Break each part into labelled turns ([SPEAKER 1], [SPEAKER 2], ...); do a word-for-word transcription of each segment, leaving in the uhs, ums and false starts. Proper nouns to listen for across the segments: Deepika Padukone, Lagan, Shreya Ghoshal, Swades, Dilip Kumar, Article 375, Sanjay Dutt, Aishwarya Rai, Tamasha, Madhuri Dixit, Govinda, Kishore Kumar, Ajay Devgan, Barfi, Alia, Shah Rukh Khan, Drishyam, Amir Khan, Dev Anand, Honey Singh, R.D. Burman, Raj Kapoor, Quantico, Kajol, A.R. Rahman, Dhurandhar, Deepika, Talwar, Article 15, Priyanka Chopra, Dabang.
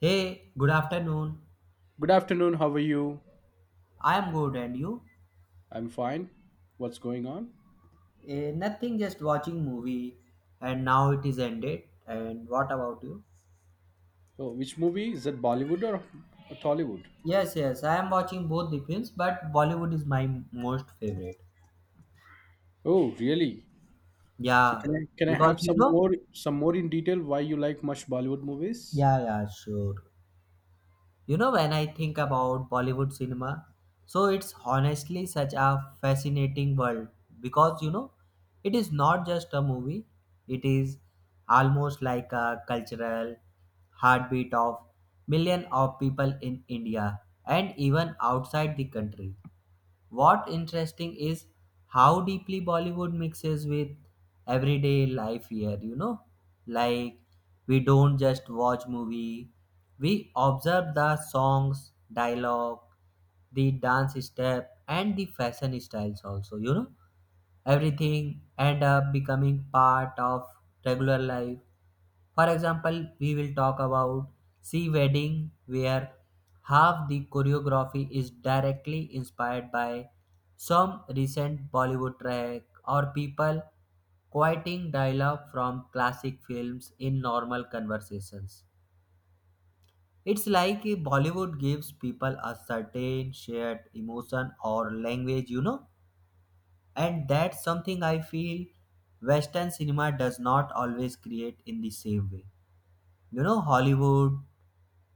[SPEAKER 1] Hey, good afternoon.
[SPEAKER 2] Good afternoon. How are you?
[SPEAKER 1] I am good, and you?
[SPEAKER 2] I'm fine. What's going on?
[SPEAKER 1] Eh, nothing, just watching movie, and now it is ended. And what about you?
[SPEAKER 2] Oh, which movie is that? Bollywood or or Tollywood?
[SPEAKER 1] Yes, yes, I am watching both the films, but Bollywood is my most favorite.
[SPEAKER 2] Oh, really? So
[SPEAKER 1] Yeah,
[SPEAKER 2] can I can I
[SPEAKER 1] because
[SPEAKER 2] have
[SPEAKER 1] you
[SPEAKER 2] some
[SPEAKER 1] know.
[SPEAKER 2] more some more in detail why you like much Bollywood movies?
[SPEAKER 1] Yeah, yeah, sure. You know, when I think about Bollywood cinema, so it's honestly such a fascinating world because you know, it is not just a movie, it is almost like a cultural heartbeat of millions of people in India and even outside the country. What interesting is how deeply Bollywood mixes with everyday life here, you know? Like we don't just watch movie, we observe the songs, dialogue, the dance step and the fashion styles also, you know? Everything end up becoming part of regular life. For example, we will talk about sea wedding where half the choreography is directly inspired by some recent Bollywood track or people quoting dialogue from classic films in normal conversations. It's like if Bollywood gives people a certain shared emotion or language you know And that's something I feel Western cinema does not always create in the same way. You know hollywood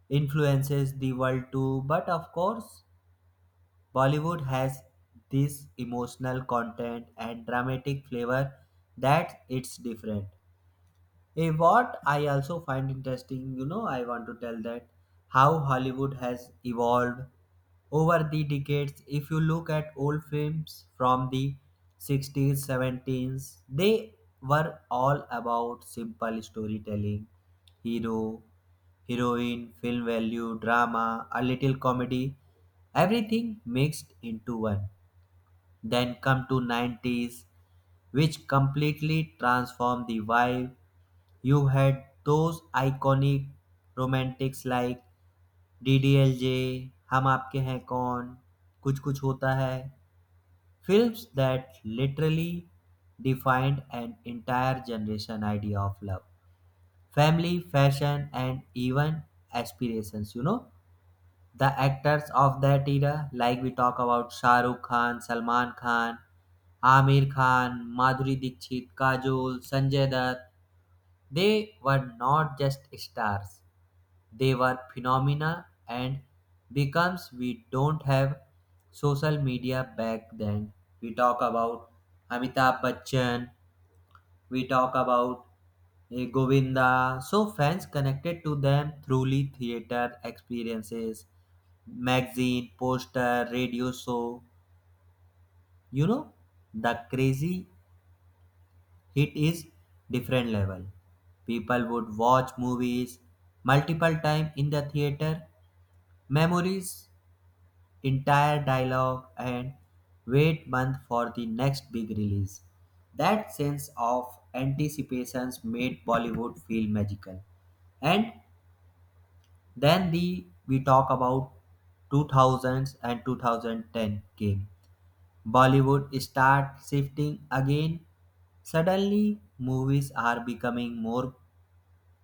[SPEAKER 1] influences the world too, but of course Bollywood has this emotional content and dramatic flavor that it's different. Eh, what I also find interesting, you know, I want to tell that how Hollywood has evolved over the decades. If you look at old films from the sixties, seventies, they were all about simple storytelling, hero, heroine, film value, drama, a little comedy, everything mixed into one. Then come to nineties which completely transformed the vibe. You had those iconic romantics like DDLJ, Hum Aapke Hain Kaun, Kuch Kuch Hota Hai, films that literally defined an entire generation idea of love, family, fashion, and even aspirations. You know, the actors of that era, like we talk about Shah Rukh Khan, Salman Khan, Amir Khan, Madhuri Dixit, Kajol, Sanjay Dutt, they were not just stars. They were phenomena and becomes we don't have social media back then. We talk about Amitabh Bachchan, we talk about eh, Govinda, so fans connected to them throughly theater experiences, magazine, poster, radio show. You know, the crazy hit is different level. People would watch movies multiple time in the theater. Memories entire dialogue and wait month for the next big release. That sense of anticipations made Bollywood feel magical. And then the we talk about two thousands and two thousand ten game. Bollywood start shifting again. Suddenly movies are becoming more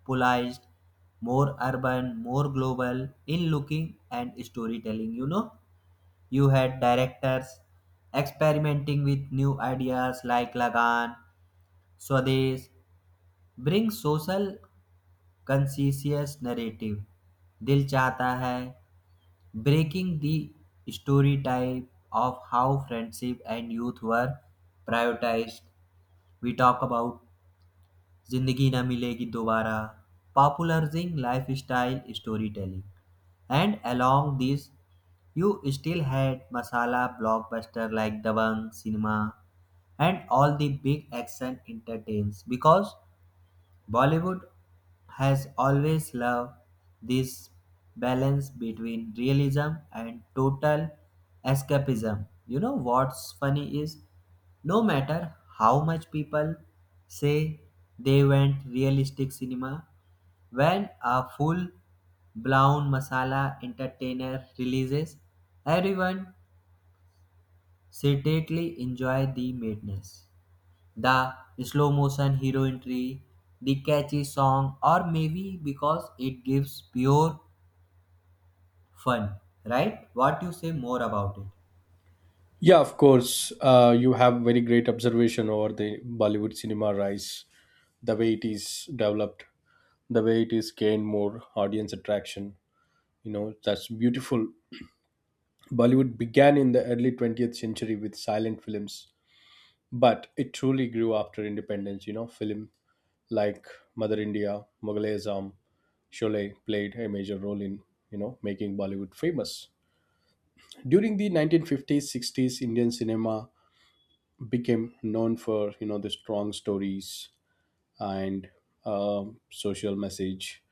[SPEAKER 1] polarized, more urban, more global in looking and storytelling, you know. You had directors experimenting with new ideas like Lagan, Swades, bring social conscious narrative. Dil चाहता hai breaking the stereotype of how friendship and youth were prioritized. We talk about जिंदगी ना मिलेगी दोबारा popularizing lifestyle storytelling, and along this you still had masala blockbuster like Dabang cinema and all the big action entertains because Bollywood has always loved this balance between realism and total escapism. You know what's funny is no matter how much people say they went realistic cinema, when a full blown masala entertainer releases, everyone secretly enjoy the madness, the slow motion hero entry, the catchy song, or maybe because it gives pure fun, right? What you say more about it?
[SPEAKER 2] Yeah, of course. Uh, you have very great observation over the Bollywood cinema rise, the way it is developed, the way it is gained more audience attraction. You know, that's beautiful. Bollywood began in the early twentieth century with silent films, but it truly grew after independence. You know film like Mother India, mughal e azam sholay played a major role in you know making Bollywood famous. During the nineteen fifties sixties, Indian cinema became known for you know the strong stories and um social message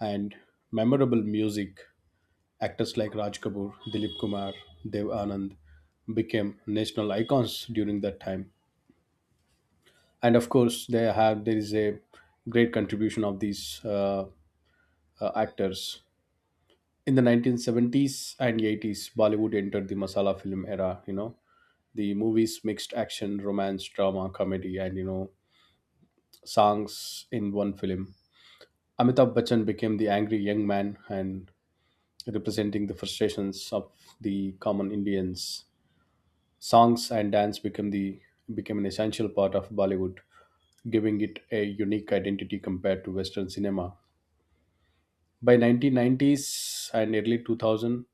[SPEAKER 2] and memorable music. Actors like Raj Kapoor, Dilip Kumar, Dev Anand became national icons during that time, and of course they have there is a great contribution of these uh, uh, actors. In the nineteen seventies and eighties, Bollywood entered the masala film era. You know the movies mixed action, romance, drama, comedy, and you know songs in one film. Amitabh Bachchan became the angry young man and representing the frustrations of the common Indians. Songs and dance became the became an essential part of Bollywood, giving it a unique identity compared to Western cinema. By nineteen nineties and early two thousand,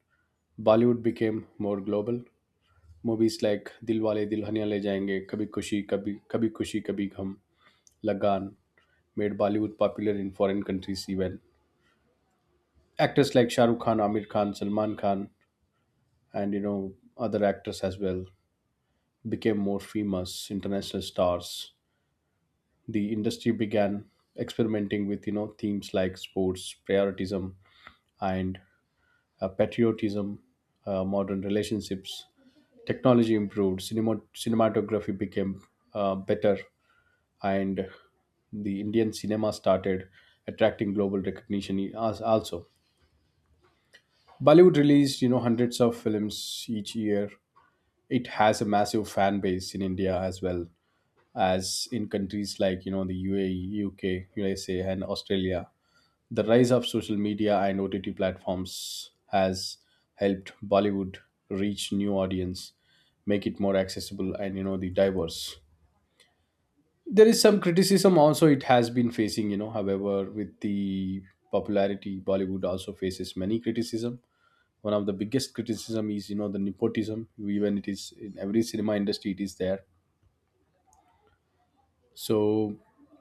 [SPEAKER 2] Bollywood became more global. Movies like Dilwale Dulhania Le Jayenge, Kabhi Kushi Kabhi Kabhi Kushi Kabhi Gham, Lagan made Bollywood popular in foreign countries even. Actors like Shah Rukh Khan, Amir Khan, Salman Khan and you know other actors as well became more famous international stars. The industry began experimenting with you know themes like sports, patriotism, and uh, patriotism, uh, modern relationships. Technology improved, cinema, cinematography became uh, better, and the Indian cinema started attracting global recognition e- as- also. Bollywood released, you know, hundreds of films each year. It has a massive fan base in India as well as in countries like, you know, the U A E, U K, U S A, and Australia. The rise of social media and O T T platforms has helped Bollywood reach new audience, make it more accessible and you know the diverse. There is some criticism also it has been facing, you know. However, with the popularity, Bollywood also faces many criticism. One of the biggest criticism is you know the nepotism, even it is in every cinema industry, it is there. So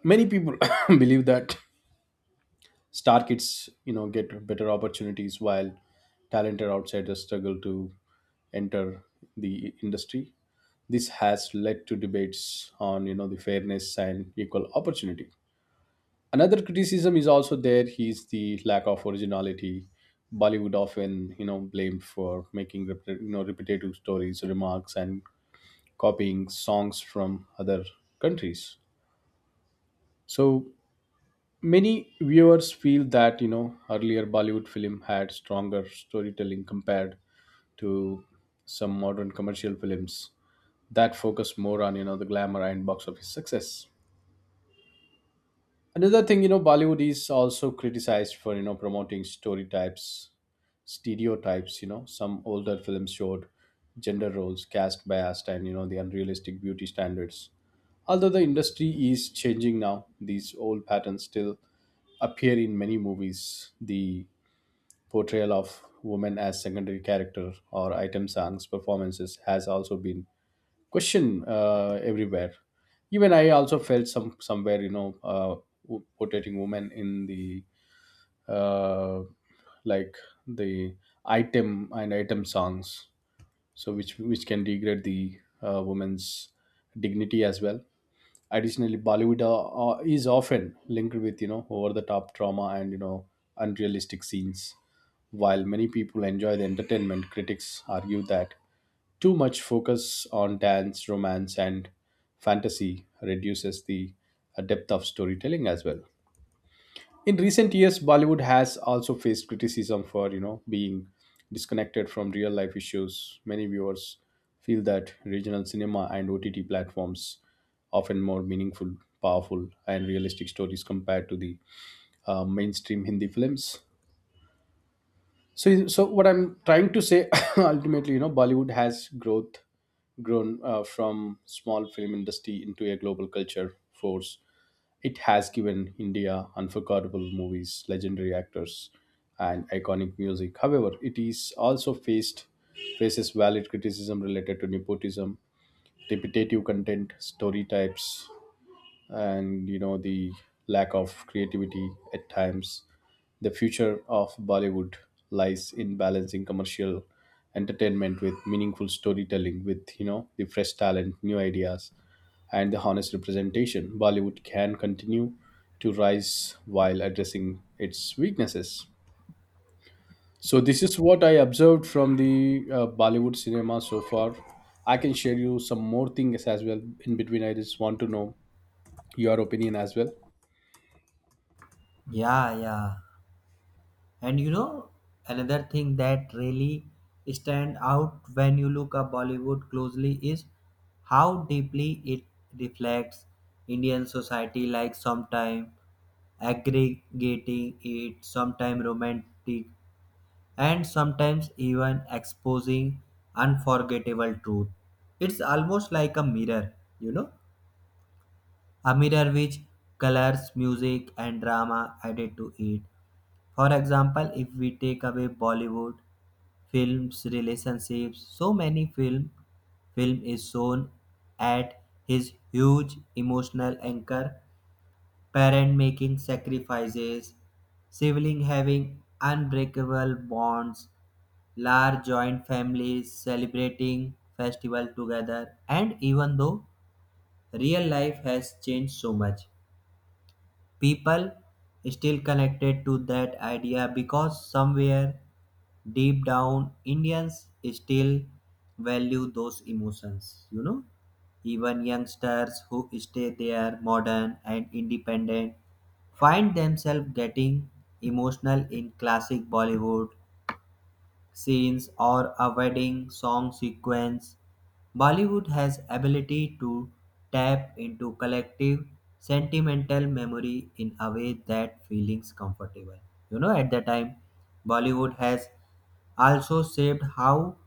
[SPEAKER 2] many people believe that star kids you know get better opportunities while talented outsiders struggle to enter the industry. This has led to debates on you know the fairness and equal opportunity. Another criticism is also there is the lack of originality. Bollywood often you know blamed for making rep- you know repetitive stories, remarks, and copying songs from other countries. So many viewers feel that you know earlier Bollywood film had stronger storytelling compared to some modern commercial films that focus more on you know the glamour and box office success. Another thing, you know Bollywood is also criticized for you know promoting story types, stereotypes. You know, some older films showed gender roles, caste bias, and you know the unrealistic beauty standards. Although the industry is changing now, these old patterns still appear in many movies. The portrayal of women as secondary character or item songs performances has also been questioned uh, everywhere. Even I also felt some somewhere, you know, uh, wo- portraying women in the uh, like the item and item songs, so which which can degrade the uh, woman's dignity as well. Additionally, Bollywood uh, uh, is often linked with you know over the top trauma and you know unrealistic scenes. While many people enjoy the entertainment, critics argue that too much focus on dance, romance, and fantasy reduces the uh, depth of storytelling as well. In recent years, Bollywood has also faced criticism for you know being disconnected from real life issues. Many viewers feel that regional cinema and OTT platforms often more meaningful, powerful, and realistic stories compared to the uh, mainstream Hindi films. So so what I'm trying to say, ultimately, you know, Bollywood has growth grown uh, from small film industry into a global culture force. It has given India unforgettable movies, legendary actors, and iconic music. However, it is also faced faces valid criticism related to nepotism, repetitive content, story types, and you know the lack of creativity at times. The future of Bollywood lies in balancing commercial entertainment with meaningful storytelling. With you know the fresh talent, new ideas, and the honest representation, Bollywood can continue to rise while addressing its weaknesses. So, this is what I observed from the uh, Bollywood cinema so far. I can share you some more things as well. In between, I just want to know your opinion as well.
[SPEAKER 1] Yeah, yeah. And you know, another thing that really stand out when you look at Bollywood closely is how deeply it reflects Indian society, like sometime aggregating it, sometime romantic and sometimes even exposing unforgettable truth. It's almost like a mirror, you know, a mirror which colors music and drama added to it. For example, if we take away Bollywood films, relationships, so many film film is shown at his huge emotional anchor, parent making sacrifices, sibling having unbreakable bonds, large joint families celebrating festival together, and even though real life has changed so much people still connected to that idea because somewhere deep down Indians still value those emotions you know Even youngsters who stay there modern and independent find themselves getting emotional in classic Bollywood scenes or a wedding song sequence. Bollywood has ability to tap into collective sentimental memory in a way that feelings comfortable. You know, at the time, Bollywood has also shaped how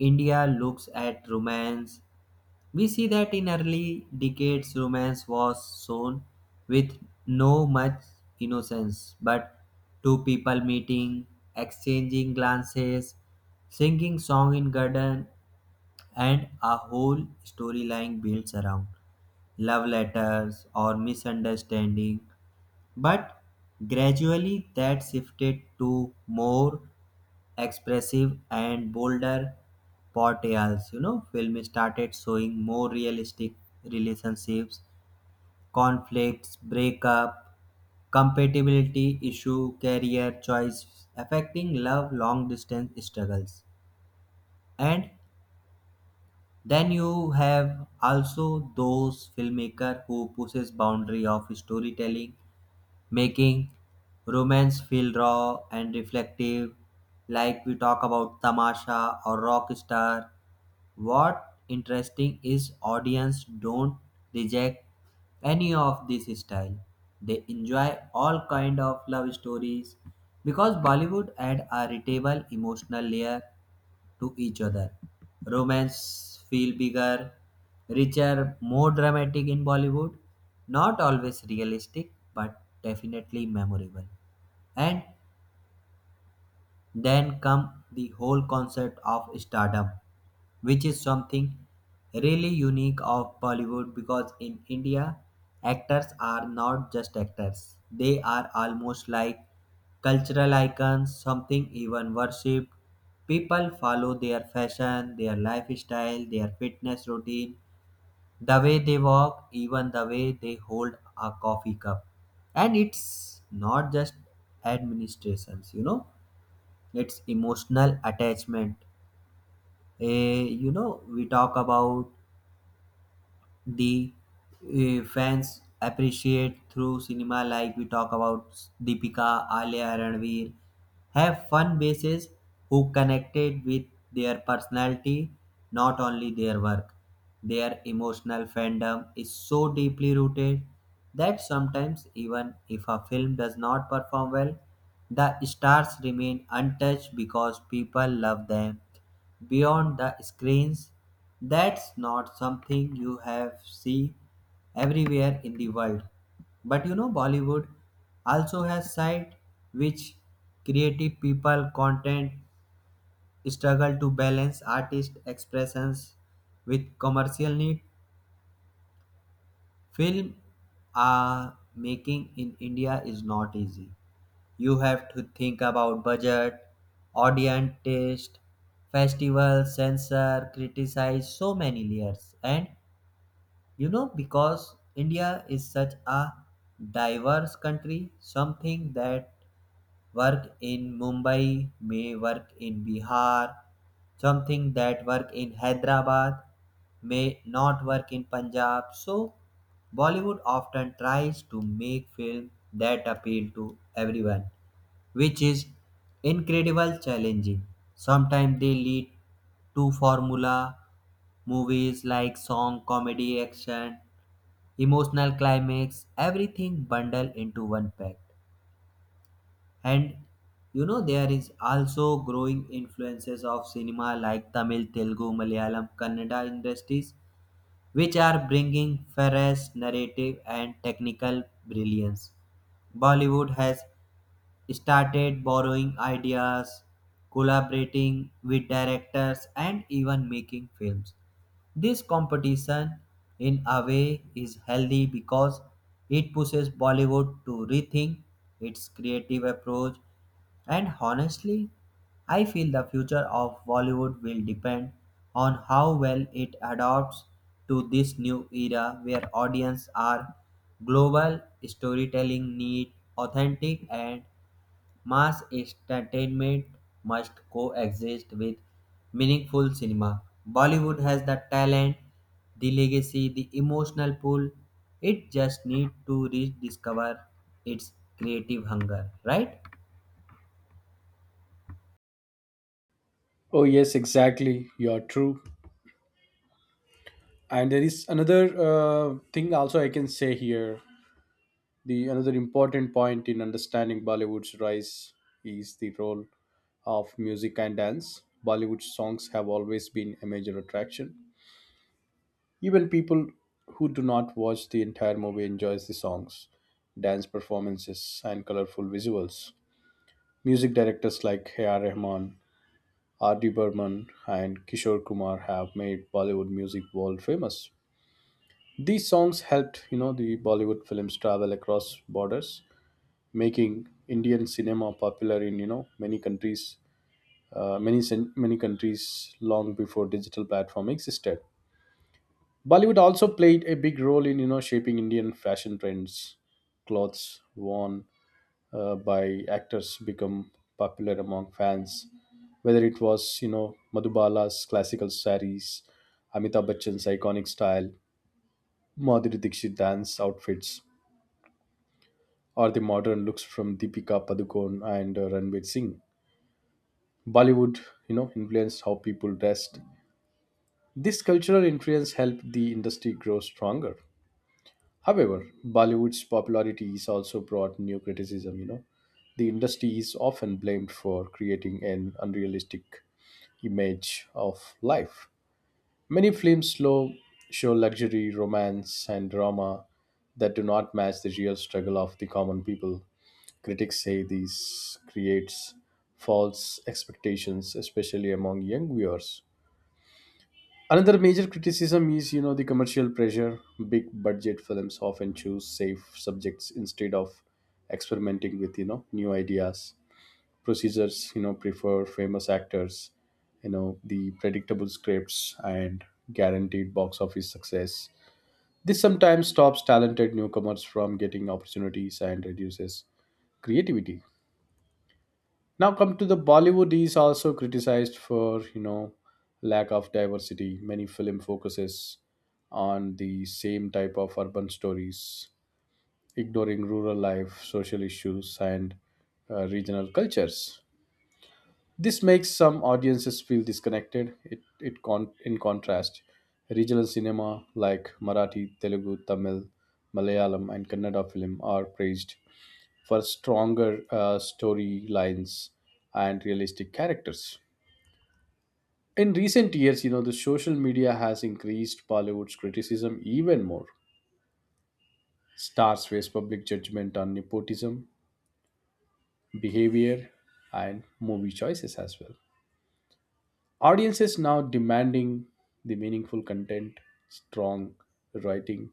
[SPEAKER 1] India looks at romance. We see that in early decades, romance was shown with no much innocence, but two people meeting, exchanging glances, singing song in garden, and a whole storyline builds around love letters or misunderstanding. But gradually, that shifted to more expressive and bolder portrayals. You know, film started showing more realistic relationships, conflicts, breakup, compatibility issue, career choice, affecting love, long distance struggles. And then you have also those filmmaker who pushes boundary of storytelling, making romance feel raw and reflective, like we talk about Tamasha or Rockstar. What interesting is audience don't reject any of this style. They enjoy all kind of love stories because Bollywood add a relatable emotional layer to each other. Romance feel bigger, richer, more dramatic in Bollywood. Not always realistic, but definitely memorable. And then come the whole concept of stardom which is something really unique of Bollywood because in India, actors are not just actors, they are almost like cultural icons, something even worshipped. People follow their fashion, their lifestyle, their fitness routine, the way they walk, even the way they hold a coffee cup. And it's not just administrations, you know, it's emotional attachment. Eh, you know, we talk about the uh, fans appreciate through cinema, like we talk about Deepika, Alia, Ranveer, have fun bases who connected with their personality not only their work. Their emotional fandom is so deeply rooted that sometimes even if a film does not perform well the stars remain untouched because people love them beyond the screens. That's not something you have see everywhere in the world. But you know Bollywood also has side which creative people content struggle to balance artist expressions with commercial need. Film uh, making in India is not easy. You have to think about budget, audience taste, festivals, censor, criticize so many layers, and You know, because India is such a diverse country, something that work in Mumbai may work in Bihar, something that work in Hyderabad may not work in Punjab. So Bollywood often tries to make film that appeal to everyone, which is incredible challenging. Sometimes they lead to formula movies like song, comedy, action, emotional climax, everything bundled into one pack. And you know, there is also growing influences of cinema like Tamil, Telugu, Malayalam, Kannada industries, which are bringing fresh narrative and technical brilliance. Bollywood has started borrowing ideas, collaborating with directors, and even making films. This competition, in a way, is healthy because it pushes Bollywood to rethink its creative approach, and honestly, I feel the future of Bollywood will depend on how well it adapts to this new era where audiences are global, storytelling need authentic and mass entertainment must coexist with meaningful cinema. Bollywood has the talent, the legacy, the emotional pull. It just needs to rediscover its creative hunger, right?
[SPEAKER 2] Oh, yes, exactly. You are true. And there is another uh, thing also I can say here. The another important point in understanding Bollywood's rise is the role of music and dance. Bollywood songs have always been a major attraction. Even people who do not watch the entire movie enjoys the songs, dance performances, and colorful visuals. Music directors like A R. Rahman, R D. Burman, and Kishore Kumar have made Bollywood music world famous. These songs helped, you know, the Bollywood films travel across borders, making Indian cinema popular in you know many countries, uh, many cen- many countries long before digital platform existed. Bollywood also played a big role in you know shaping Indian fashion trends. Clothes worn uh, by actors become popular among fans, whether it was you know Madhubala's classical saris, Amitabh Bachchan's iconic style, Madhuri Dixit dance outfits, or the modern looks from Deepika Padukone and uh, Ranveer Singh. Bollywood, you know, influenced how people dressed. This cultural influence helped the industry grow stronger. However, Bollywood's popularity is also brought new criticism, you know. The industry is often blamed for creating an unrealistic image of life. Many films slow show luxury, romance, and drama that do not match the real struggle of the common people. Critics say this creates false expectations, especially among young viewers. Another major criticism is, you know, the commercial pressure. Big budget films often choose safe subjects instead of experimenting with, you know, new ideas. Procedures you know prefer famous actors, you know the predictable scripts and guaranteed box office success. This sometimes stops talented newcomers from getting opportunities and reduces creativity. Now come to the Bollywood is also criticized for you know lack of diversity. Many film focuses on the same type of urban stories, ignoring rural life, social issues, and uh, regional cultures. This makes some audiences feel disconnected. It, it con- in contrast, regional cinema like Marathi, Telugu, Tamil, Malayalam, and Kannada film are praised for stronger uh, storylines and realistic characters. In recent years, you know, the social media has increased Bollywood's criticism even more. Stars face public judgment on nepotism, behavior, and movie choices as well. Audiences now demanding the meaningful content, strong writing,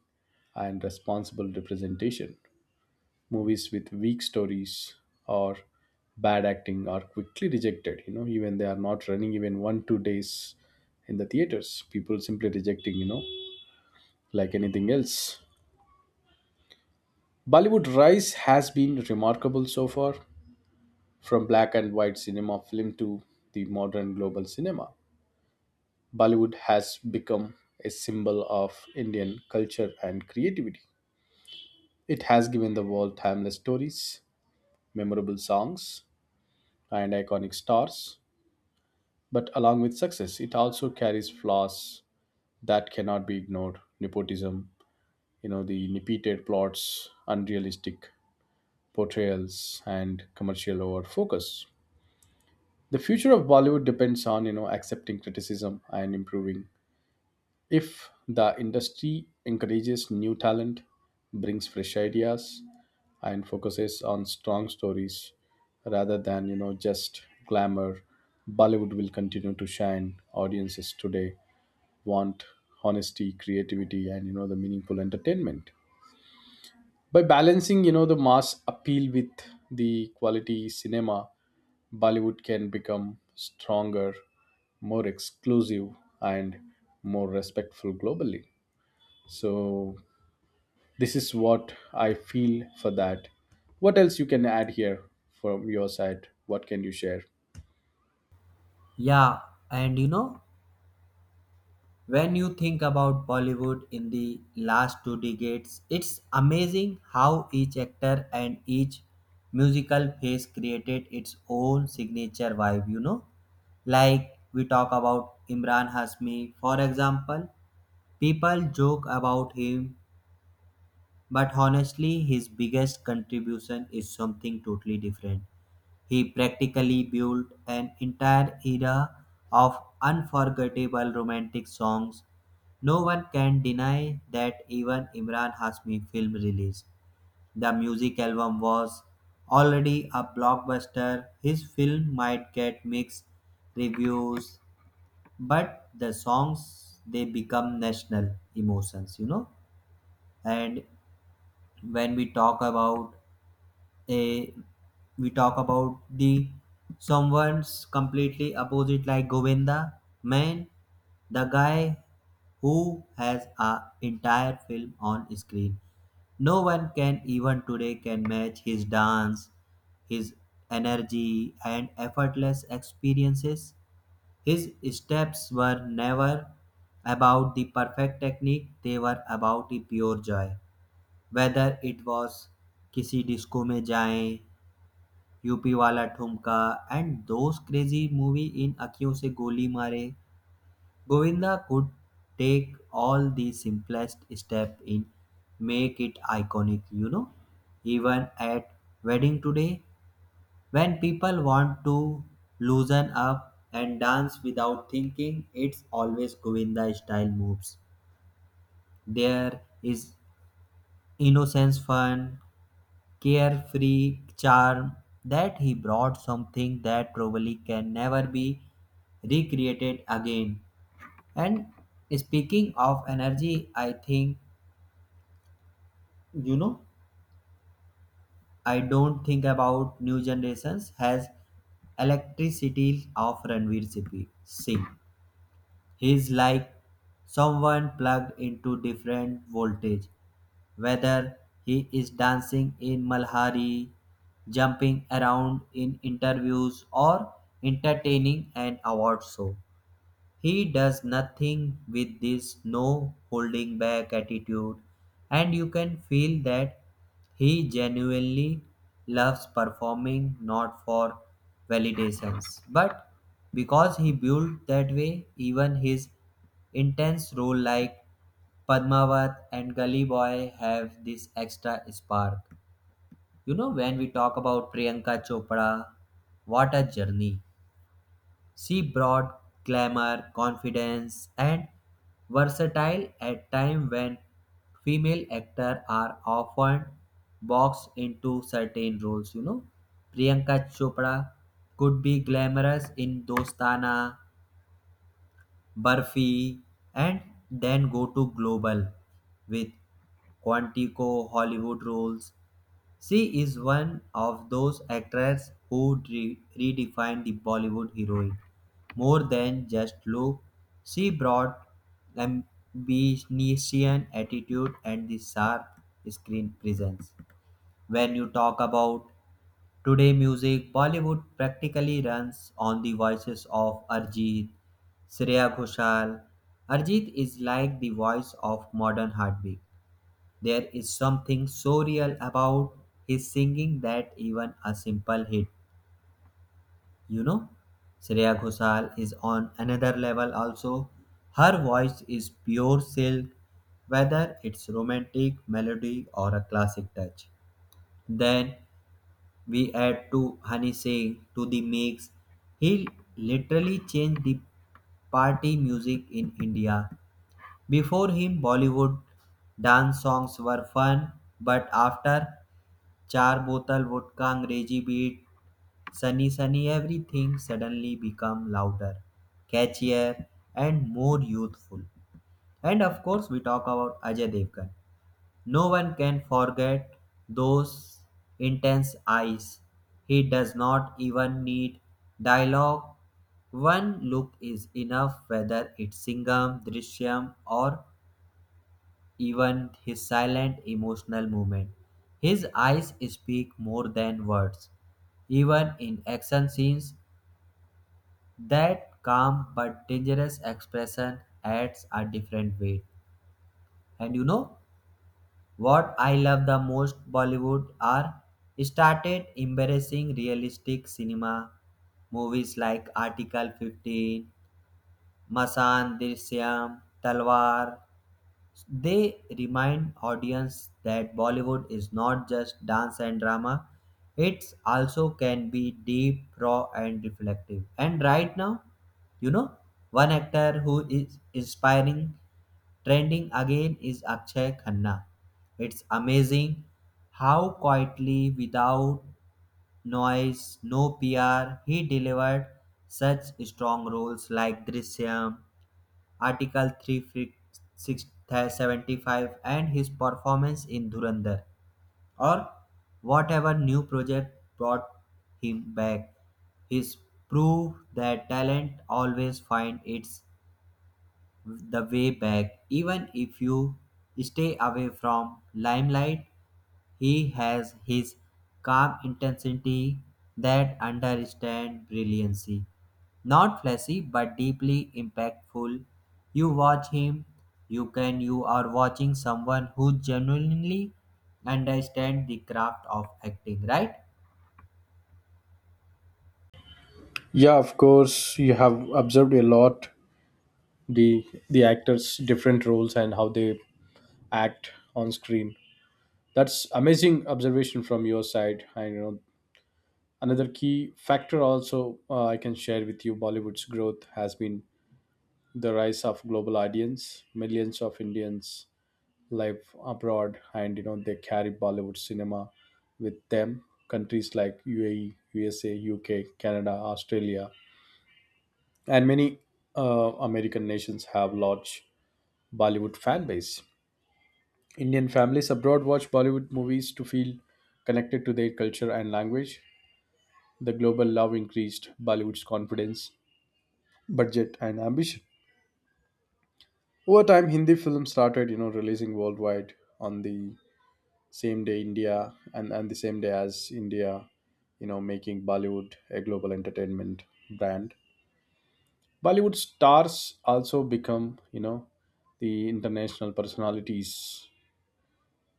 [SPEAKER 2] and responsible representation. Movies with weak stories or bad acting are quickly rejected. You know, even they are not running even one two days in the theaters. People simply rejecting. You know, like anything else. Bollywood rise has been remarkable so far, from black and white cinema film to the modern global cinema. Bollywood has become a symbol of Indian culture and creativity. It has given the world timeless stories, memorable songs, and iconic stars. But along with success, it also carries flaws that cannot be ignored. Nepotism, you know, the repeated plots, unrealistic portrayals, and commercial over focus. The future of Bollywood depends on, you know, accepting criticism and improving. If the industry encourages new talent, brings fresh ideas, and focuses on strong stories rather than you know just glamour, Bollywood will continue to shine. Audiences today want honesty, creativity, and you know the meaningful entertainment. By balancing you know the mass appeal with the quality cinema, Bollywood can become stronger, more exclusive, and more respectful globally. So this is what I feel for that. What else you can add here from your side? What can you share?
[SPEAKER 1] Yeah, and you know, when you think about Bollywood in the last two decades, it's amazing how each actor and each musical phase created its own signature vibe, you know? Like we talk about Imran Hasmi, for example, people joke about him but honestly, his biggest contribution is something totally different. He practically built an entire era of unforgettable romantic songs. No one can deny that even Imran Hasmi film release. The music album was already a blockbuster. His film might get mixed reviews, but the songs they become national emotions, you know. And when we talk about a we talk about the someone's completely opposite like Govinda man, the guy who has a entire film on screen. No one can even today can match his dance, his energy and effortless experiences. His steps were never about the perfect technique, they were about the pure joy, whether it was किसी disco में जाएं, UP वाला ठुमका, and those crazy movie in Akhiyon Se गोली मारे, Govinda could take all the simplest step in make it iconic you know Even at wedding today when people want to loosen up and dance without thinking it's always Govinda style moves. There is innocence fun carefree charm that he brought, something that probably can never be recreated again. And speaking of energy, I think, you know i don't think about new generations has electricity of Ranveer Sipi- singh He's like someone plugged into different voltage, whether he is dancing in Malhari, jumping around in interviews, or entertaining an award show. He does nothing with this no holding back attitude, and you can feel that he genuinely loves performing not for validations, but because he built that way. Even his intense role like Padmavat and Gully Boy have this extra spark. You know, when we talk about Priyanka Chopra, what a journey. She brought glamour, confidence, and versatile at time when female actors are often boxed into certain roles. You know, Priyanka Chopra could be glamorous in Dostana, Barfi, and then go to global with Quantico Hollywood roles. She is one of those actresses who re- redefined the Bollywood heroine. More than just look, she brought ambition, attitude, and the sharp screen presence. When you talk about today music, Bollywood practically runs on the voices of Arjit, Shreya Ghoshal. Arjit is like the voice of modern heartbeat. There is something so real about his singing that even a simple hit, you know, Shreya Ghoshal is on another level also. Her voice is pure silk, whether it's romantic melody or a classic touch. Then we add to Honey Singh to the mix. He literally changed the party music in India. Before him, Bollywood dance songs were fun, but after Char bottle vodka Angrezi beat, sunny sunny everything suddenly become louder, catchier and more youthful. And of course we talk about Ajay Devgan. No one can forget those intense eyes. He does not even need dialogue. One look is enough whether it's Singham, Drishyam or even his silent emotional movement. His eyes speak more than words. Even in action scenes, that calm but dangerous expression adds a different weight. And you know what I love the most, Bollywood are started embarrassing realistic cinema movies like Article fifteen, Masan Drishyam, Talwar. They remind audience that Bollywood is not just dance and drama. It's also can be deep, raw and reflective. And right now, you know, one actor who is inspiring trending again is Akshay Khanna. It's amazing how quietly, without noise, no P R, he delivered such strong roles like Drishyam, Article three hundred seventy-five and his performance in Dhurandhar or whatever new project brought him back. His proof that talent always finds its the way back. Even if you stay away from limelight, he has his calm intensity that understand brilliancy. Not flashy but deeply impactful. You watch him, you can you are watching someone who genuinely understand the craft of acting, right?
[SPEAKER 2] Yeah, of course, you have observed a lot, the the actors' different roles and how they act on screen. That's amazing observation from your side. I know another key factor also uh, I can share with you. Bollywood's growth has been the rise of global audience. Millions of Indians life abroad, and you know, they carry Bollywood cinema with them. Countries like UAE, USA, UK, Canada, Australia, and many uh, American nations have large Bollywood fan base. Indian families abroad watch Bollywood movies to feel connected to their culture and language. The global love increased Bollywood's confidence, budget, and ambition. Over time, Hindi films started you know releasing worldwide on the same day India and, and the same day as India, you know, making Bollywood a global entertainment brand. Bollywood stars also become, you know, the international personalities.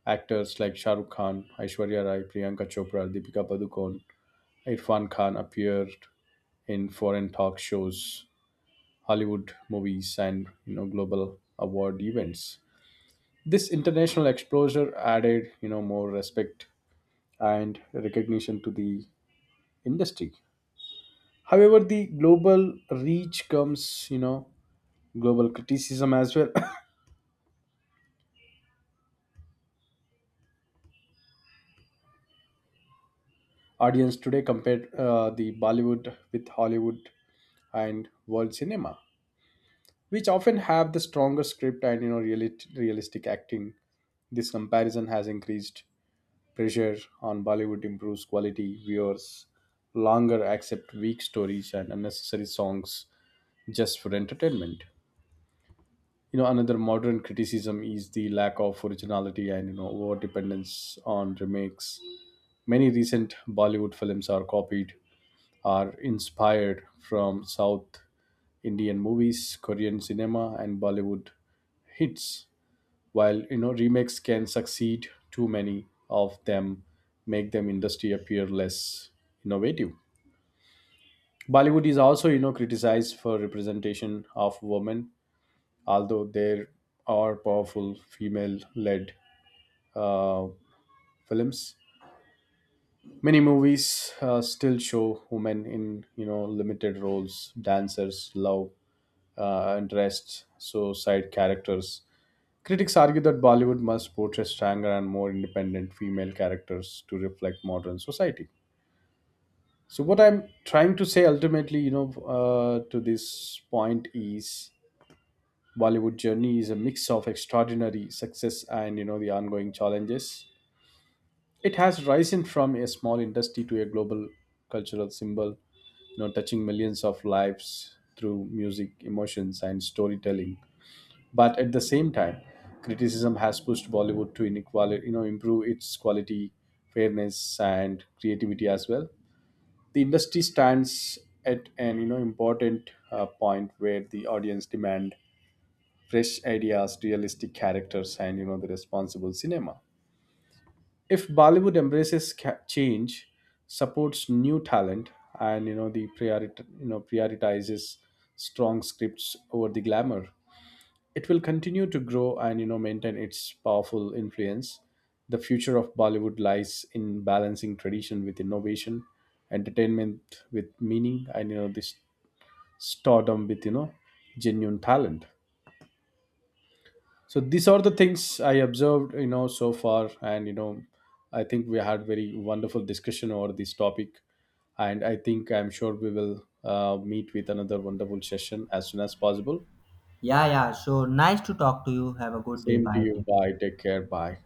[SPEAKER 2] Actors like Shah Rukh Khan, Aishwarya Rai, Priyanka Chopra, Deepika Padukone, Irfan Khan appeared in foreign talk shows, Hollywood movies, and you know global award events. This international exposure added you know more respect and recognition to the industry. However, the global reach comes, you know, global criticism as well. Audience today compare uh, the Bollywood with Hollywood and world cinema, which often have the stronger script and you know realit- realistic acting. This comparison has increased pressure on Bollywood, improves quality viewers, longer accept weak stories and unnecessary songs just for entertainment. You know, another modern criticism is the lack of originality and you know over dependence on remakes. Many recent Bollywood films are copied are inspired from South Indian movies, Korean cinema, and Bollywood hits. While you know remakes can succeed, too many of them make them industry appear less innovative. Bollywood is also you know criticized for representation of women. Although there are powerful female led uh, films. Many movies uh, still show women in you know limited roles, dancers, love uh, interests, so side characters. Critics argue that Bollywood must portray stronger and more independent female characters to reflect modern society. So what I'm trying to say ultimately, you know, uh, to this point is Bollywood journey is a mix of extraordinary success and you know the ongoing challenges. It has risen from a small industry to a global cultural symbol, you know, touching millions of lives through music, emotions, and storytelling. But at the same time, criticism has pushed Bollywood to inequality, you know, improve its quality, fairness, and creativity as well. The industry stands at an you know important uh, point where the audience demand fresh ideas, realistic characters, and you know the responsible cinema. If Bollywood embraces ca- change, supports new talent, and you know the priorit- you know prioritizes strong scripts over the glamour, it will continue to grow and you know maintain its powerful influence. The future of Bollywood lies in balancing tradition with innovation, entertainment with meaning, and you know this stardom with you know genuine talent. So these are the things I observed, you know, so far, and you know, I think we had very wonderful discussion over this topic, and I think I'm sure we will uh, meet with another wonderful session as soon as possible.
[SPEAKER 1] Yeah, yeah. So nice to talk to you. Have a good day.
[SPEAKER 2] Same to
[SPEAKER 1] Bye.
[SPEAKER 2] you.
[SPEAKER 1] Take care.
[SPEAKER 2] Bye. Take care. Bye.